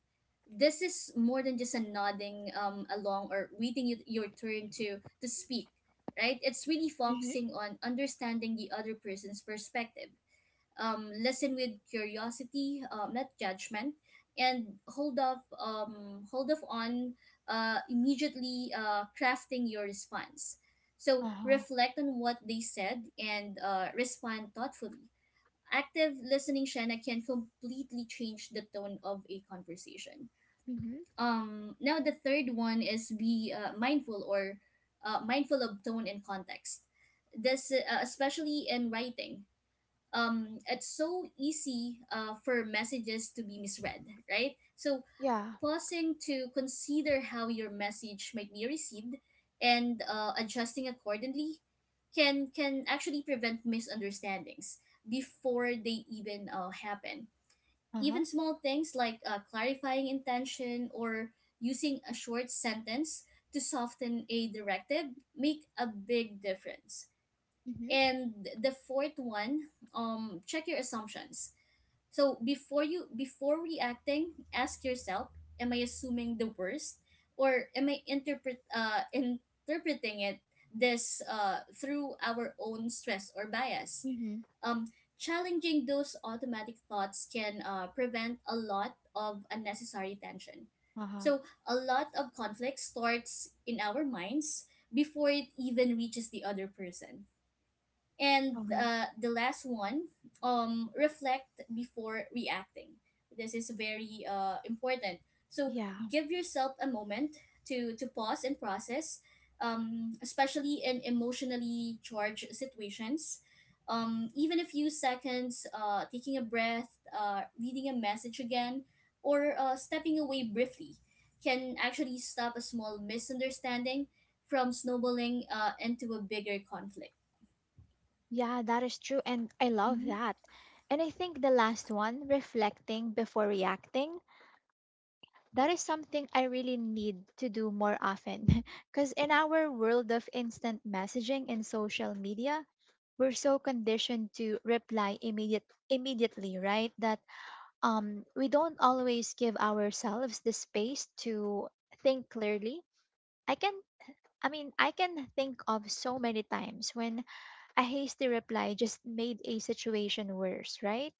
Speaker 2: This is more than just a nodding along or waiting your turn to speak, right? It's really focusing on understanding the other person's perspective. Listen with curiosity, not judgment, and hold off on immediately crafting your response. So
Speaker 1: Uh huh.
Speaker 2: reflect on what they said and respond thoughtfully. Active listening, Shanna, can completely change the tone of a conversation.
Speaker 1: Mm hmm.
Speaker 2: Now the third one is be mindful of tone and context. This especially in writing. It's so easy for messages to be misread, right? So
Speaker 1: Yeah.
Speaker 2: pausing to consider how your message might be received and adjusting accordingly can actually prevent misunderstandings before they even happen.
Speaker 1: Uh huh.
Speaker 2: Even small things like clarifying intention or using a short sentence to soften a directive make a big difference.
Speaker 1: Mm hmm.
Speaker 2: And the fourth one, check your assumptions. So before reacting, ask yourself, am I assuming the worst or am I interpreting it this through our own stress or bias?
Speaker 1: Mm hmm.
Speaker 2: Um Challenging those automatic thoughts can prevent a lot of unnecessary tension.
Speaker 1: Uh huh.
Speaker 2: So a lot of conflict starts in our minds before it even reaches the other person, and
Speaker 1: Uh-huh.
Speaker 2: the last one, reflect before reacting. This is very important. So
Speaker 1: Yeah.
Speaker 2: give yourself a moment to pause and process, especially in emotionally charged situations. Even a few seconds, taking a breath, reading a message again, or stepping away briefly can actually stop a small misunderstanding from snowballing into a bigger conflict.
Speaker 1: Yeah, that is true. And I love
Speaker 2: Mhm.
Speaker 1: that. And I think the last one, reflecting before reacting, that is something I really need to do more often. [laughs] Because in our world of instant messaging and social media, we're so conditioned to reply immediately, right? That we don't always give ourselves the space to think clearly. I can I can think of so many times when a hasty reply just made a situation worse, right?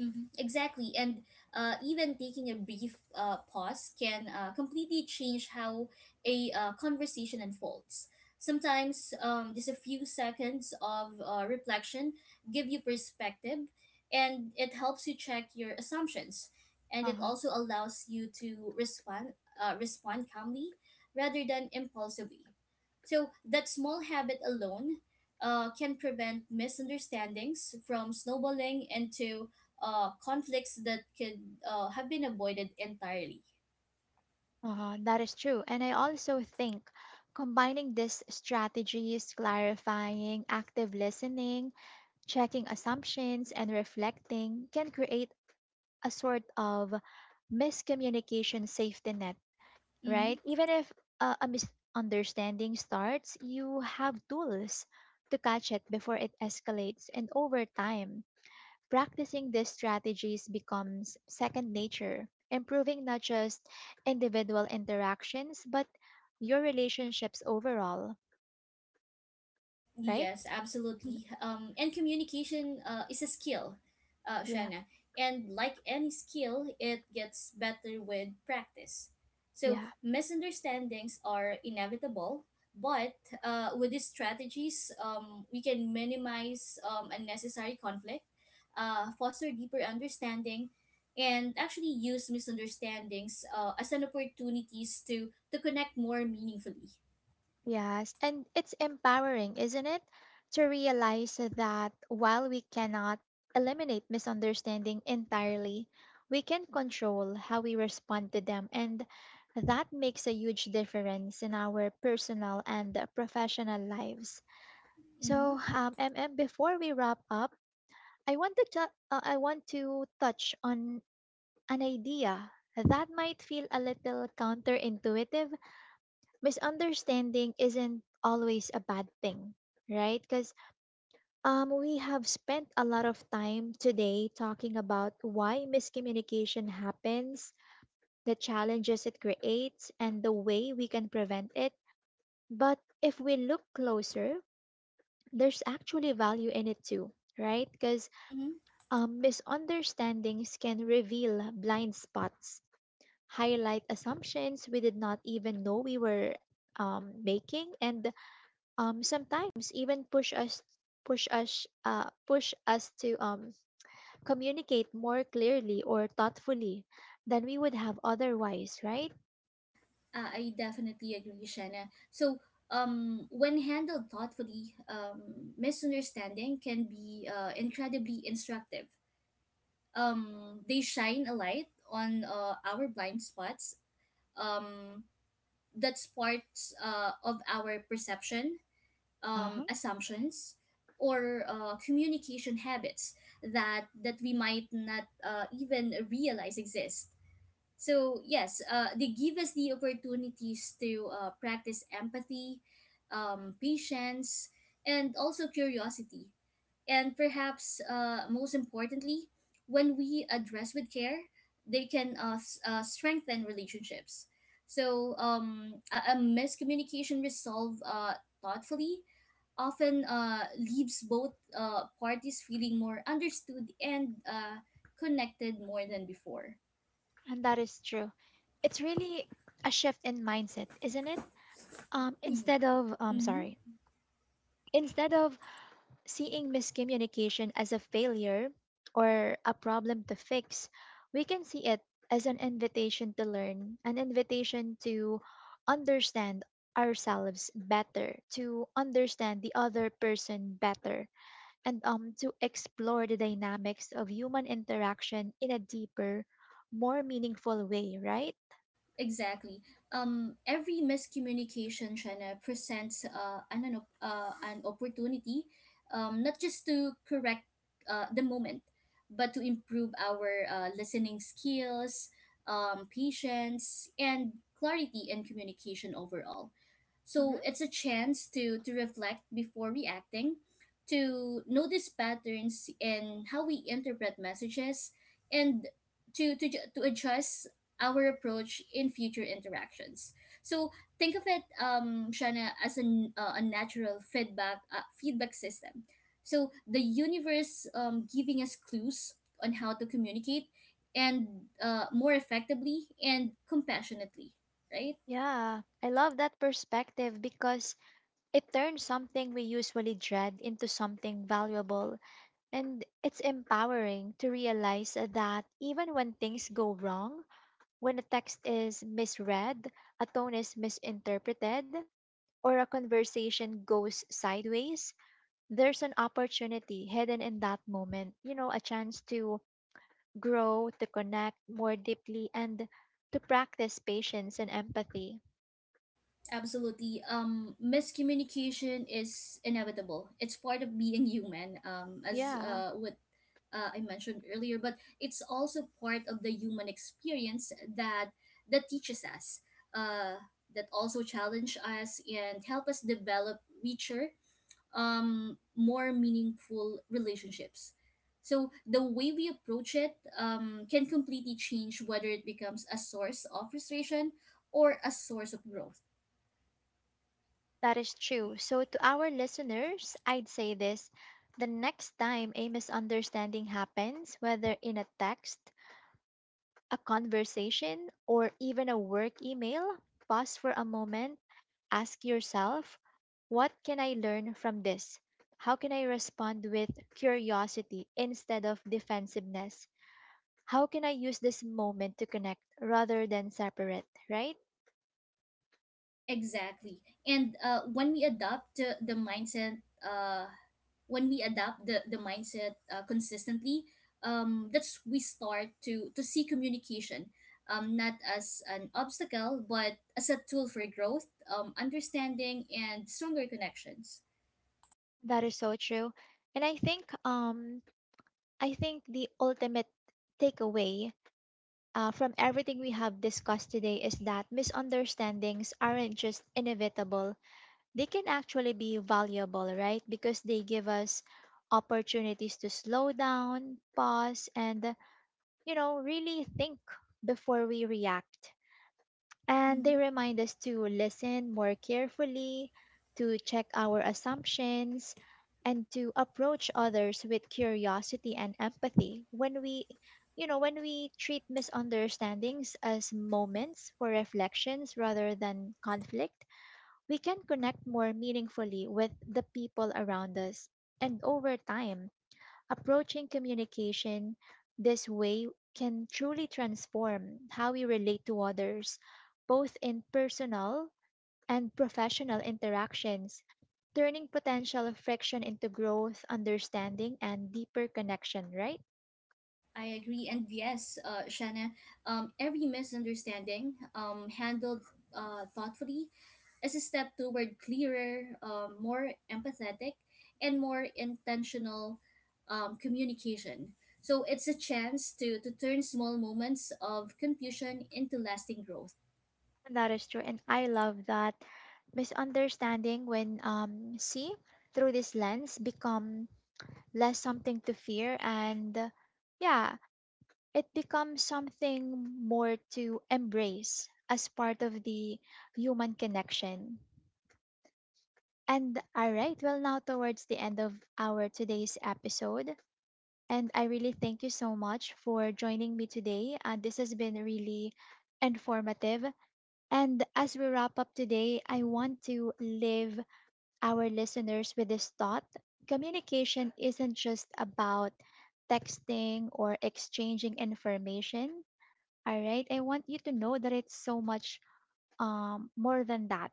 Speaker 2: Mhm, Exactly. And even taking a brief pause can completely change how a conversation unfolds. Sometimes just a few seconds of reflection give you perspective, and it helps you check your assumptions. And it
Speaker 1: Uh-huh.
Speaker 2: also allows you to respond calmly rather than impulsively. So that small habit alone can prevent misunderstandings from snowballing into conflicts that could have been avoided entirely.
Speaker 1: Uh-huh. That is true. And I also think combining these strategies, clarifying, active listening, checking assumptions, and reflecting, can create a sort of miscommunication safety net, right?
Speaker 2: Mm-hmm.
Speaker 1: Even if a misunderstanding starts, you have tools to catch it before it escalates. And over time, practicing these strategies becomes second nature, improving not just individual interactions, but your relationships overall, right?
Speaker 2: Yes, absolutely.
Speaker 1: [laughs]
Speaker 2: And communication is a skill,
Speaker 1: Yeah,
Speaker 2: Shana. And like any skill, it gets better with practice. So
Speaker 1: yeah,
Speaker 2: misunderstandings are inevitable, but with these strategies, we can minimize unnecessary conflict, foster deeper understanding, and actually use misunderstandings as an opportunities to connect more meaningfully.
Speaker 1: yes. And it's empowering, isn't it? To realize that while we cannot eliminate misunderstanding entirely, we can control how we respond to them. And that makes a huge difference in our personal and professional lives.
Speaker 2: Mm-hmm.
Speaker 1: So, MM, before we wrap up, I want to I want to touch on an idea that might feel a little counterintuitive. Misunderstanding isn't always a bad thing, right? Because we have spent a lot of time today talking about why miscommunication happens, the challenges it creates, and the way we can prevent it. But if we look closer, there's actually value in it too, right? Because
Speaker 2: Mm-hmm.
Speaker 1: Misunderstandings can reveal blind spots, highlight assumptions we did not even know we were making, and sometimes even push us push us to communicate more clearly or thoughtfully than we would have otherwise. Right?
Speaker 2: I definitely agree, Shanna. So, when handled thoughtfully, misunderstanding can be incredibly instructive. They shine a light on our blind spots. Um, that's parts of our perception,
Speaker 1: Uh-huh.
Speaker 2: assumptions, or communication habits that we might not even realize exist. So yes, they give us the opportunities to practice empathy, patience, and also curiosity. And perhaps most importantly, when we address with care, they can strengthen relationships. So a miscommunication resolved thoughtfully often leaves both parties feeling more understood and connected more than before.
Speaker 1: And that is true. It's really a shift in mindset, isn't it? Um,
Speaker 2: E,
Speaker 1: instead of, um, sorry,
Speaker 2: Mm-hmm.
Speaker 1: instead of seeing miscommunication as a failure or a problem to fix, we can see it as an invitation to learn, an invitation to understand ourselves better, to understand the other person better, and to explore the dynamics of human interaction in a deeper, more meaningful way, right?
Speaker 2: Exactly. Every miscommunication, China, presents an opportunity, not just to correct the moment, but to improve our listening skills, patience, and clarity in communication overall. So
Speaker 1: Mhm.
Speaker 2: it's a chance to reflect before reacting, to notice patterns in how we interpret messages, and to adjust our approach in future interactions. So think of it, Shana, as an a natural feedback system. So the universe giving us clues on how to communicate and more effectively and compassionately, right?
Speaker 1: Yeah, I love that perspective because it turns something we usually dread into something valuable. And it's empowering to realize that even when things go wrong, when a text is misread, a tone is misinterpreted, or a conversation goes sideways, there's an opportunity hidden in that moment. A chance to grow, to connect more deeply, and to practice patience and empathy.
Speaker 2: Absolutely. Miscommunication is inevitable. It's part of being human, as
Speaker 1: Yeah,
Speaker 2: what I mentioned earlier, but it's also part of the human experience that teaches us, uh, that also challenge us and help us develop richer, more meaningful relationships. So the way we approach it can completely change whether it becomes a source of frustration or a source of growth.
Speaker 1: that is true. So, to our listeners, I'd say this: the next time a misunderstanding happens, whether in a text, a conversation, or even a work email, pause for a moment, ask yourself, what can I learn from this? How can I respond with curiosity instead of defensiveness? How can I use this moment to connect rather than separate, right?
Speaker 2: Exactly. And when we uh, when we adopt the mindset consistently, that's we start to see communication not as an obstacle, but as a tool for growth, understanding, and stronger connections.
Speaker 1: That is so true. And I think the ultimate takeaway from everything we have discussed today is that misunderstandings aren't just inevitable, they can actually be valuable, right? Because they give us opportunities to slow down, pause, and, really think before we react. And they
Speaker 2: Hmm.
Speaker 1: remind us to listen more carefully, to check our assumptions, and to approach others with curiosity and empathy. When when we treat misunderstandings as moments for reflections rather than conflict, we can connect more meaningfully with the people around us. And over time, approaching communication this way can truly transform how we relate to others, both in personal and professional interactions, turning potential friction into growth, understanding, and deeper connection, right?
Speaker 2: I agree. And yes, Shanna, every misunderstanding handled thoughtfully as a step toward clearer, more empathetic, and more intentional communication. So it's a chance to turn small moments of confusion into lasting growth.
Speaker 1: and that is true. And I love that misunderstanding, when see through this lens, become less something to fear, and yeah it becomes something more to embrace as part of the human connection. And all right, well, now towards the end of our today's episode, and I really thank you so much for joining me today. This has been really informative, and as we wrap up today, I want to leave our listeners with this thought. Communication isn't just about texting or exchanging information. All right, I want you to know that it's so much more than that.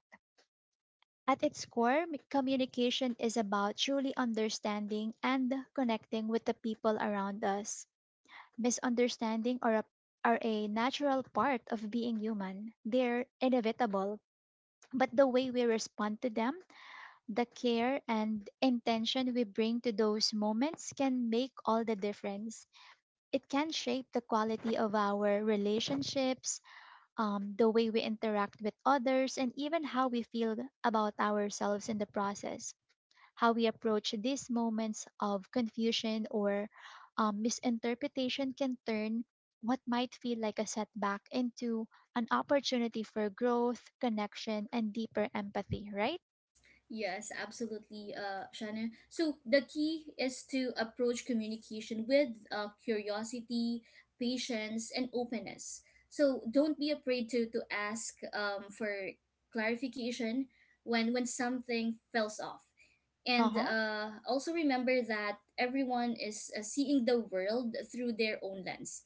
Speaker 1: At its core, communication is about truly understanding and connecting with the people around us. Misunderstanding are a, are a natural part of being human, they're inevitable. But the way we respond to them, the care and intention we bring to those moments, can make all the difference. It can shape the quality of our relationships, the way we interact with others, and even how we feel about ourselves in the process. How we approach these moments of confusion or misinterpretation can turn what might feel like a setback into an opportunity for growth, connection, and deeper empathy, right?
Speaker 2: Yes, absolutely, Shannon. So the key is to approach communication with curiosity, patience, and openness. So don't be afraid to ask for clarification when something falls off. And
Speaker 1: Uh-huh.
Speaker 2: also remember that everyone is seeing the world through their own lens,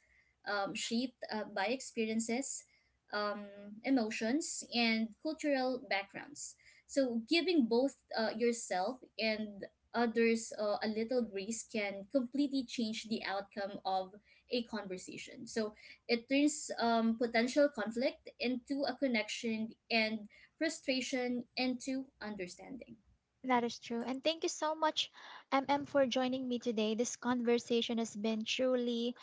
Speaker 2: shaped by experiences, um, emotions, and cultural backgrounds. So, giving both yourself and others a little grace can completely change the outcome of a conversation. So, it turns potential conflict into a connection and frustration into understanding.
Speaker 1: That is true. And thank you so much, MM, for joining me today. This conversation has been truly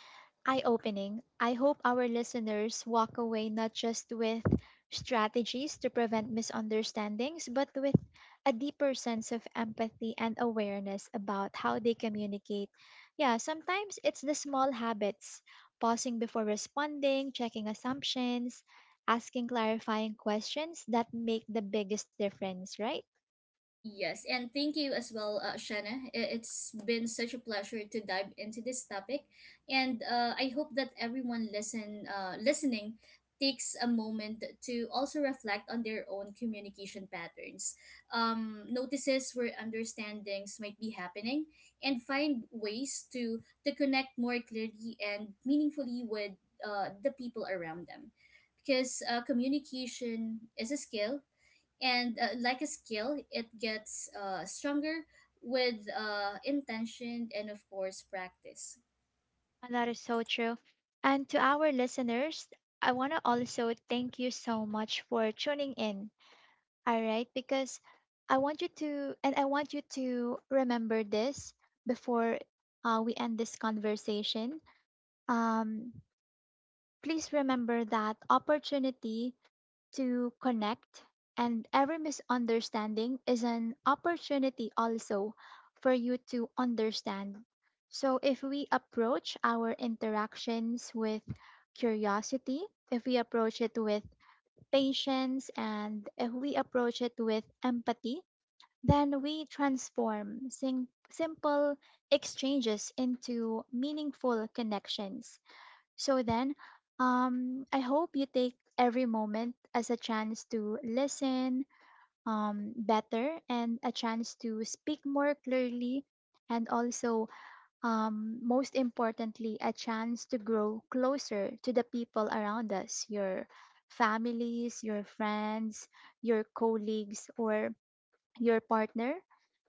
Speaker 1: eye opening. I hope our listeners walk away not just with strategies to prevent misunderstandings, but with a deeper sense of empathy and awareness about how they communicate. Yeah, sometimes it's the small habits, pausing before responding, checking assumptions, asking clarifying questions, that make the biggest difference, right?
Speaker 2: Yes, and thank you as well, Shanna. I- It's been such a pleasure to dive into this topic, and I hope that everyone listen listening takes a moment to also reflect on their own communication patterns, notices where understandings might be happening, and find ways to connect more clearly and meaningfully with the people around them, because communication is a skill and like a skill it gets stronger with intention and of course practice.
Speaker 1: And that is so true. And to our listeners, I want to also thank you so much for tuning in. All right, because I want you to, and I want you to remember this before we end this conversation. Um, Please remember that opportunity to connect, and every misunderstanding is an opportunity also for you to understand. So if we approach our interactions with curiosity, if we approach it with patience, and if we approach it with empathy, then we transform simple exchanges into meaningful connections. So then, I hope you take every moment as a chance to listen better and a chance to speak more clearly, and also, most importantly, a chance to grow closer to the people around us: your families, your friends, your colleagues, or your partner.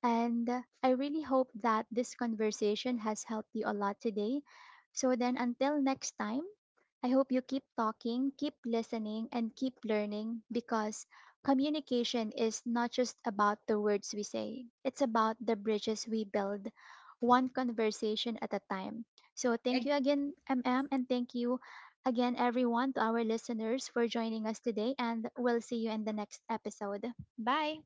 Speaker 1: And I really hope that this conversation has helped you a lot today. So then, until next time, I hope you keep talking, keep listening, and keep learning, because communication is not just about the words we say, it's about the bridges we build, one conversation at a time. So, thank you again, MM, and thank you again, everyone, to our listeners for joining us today, and we'll see you in the next episode. Bye.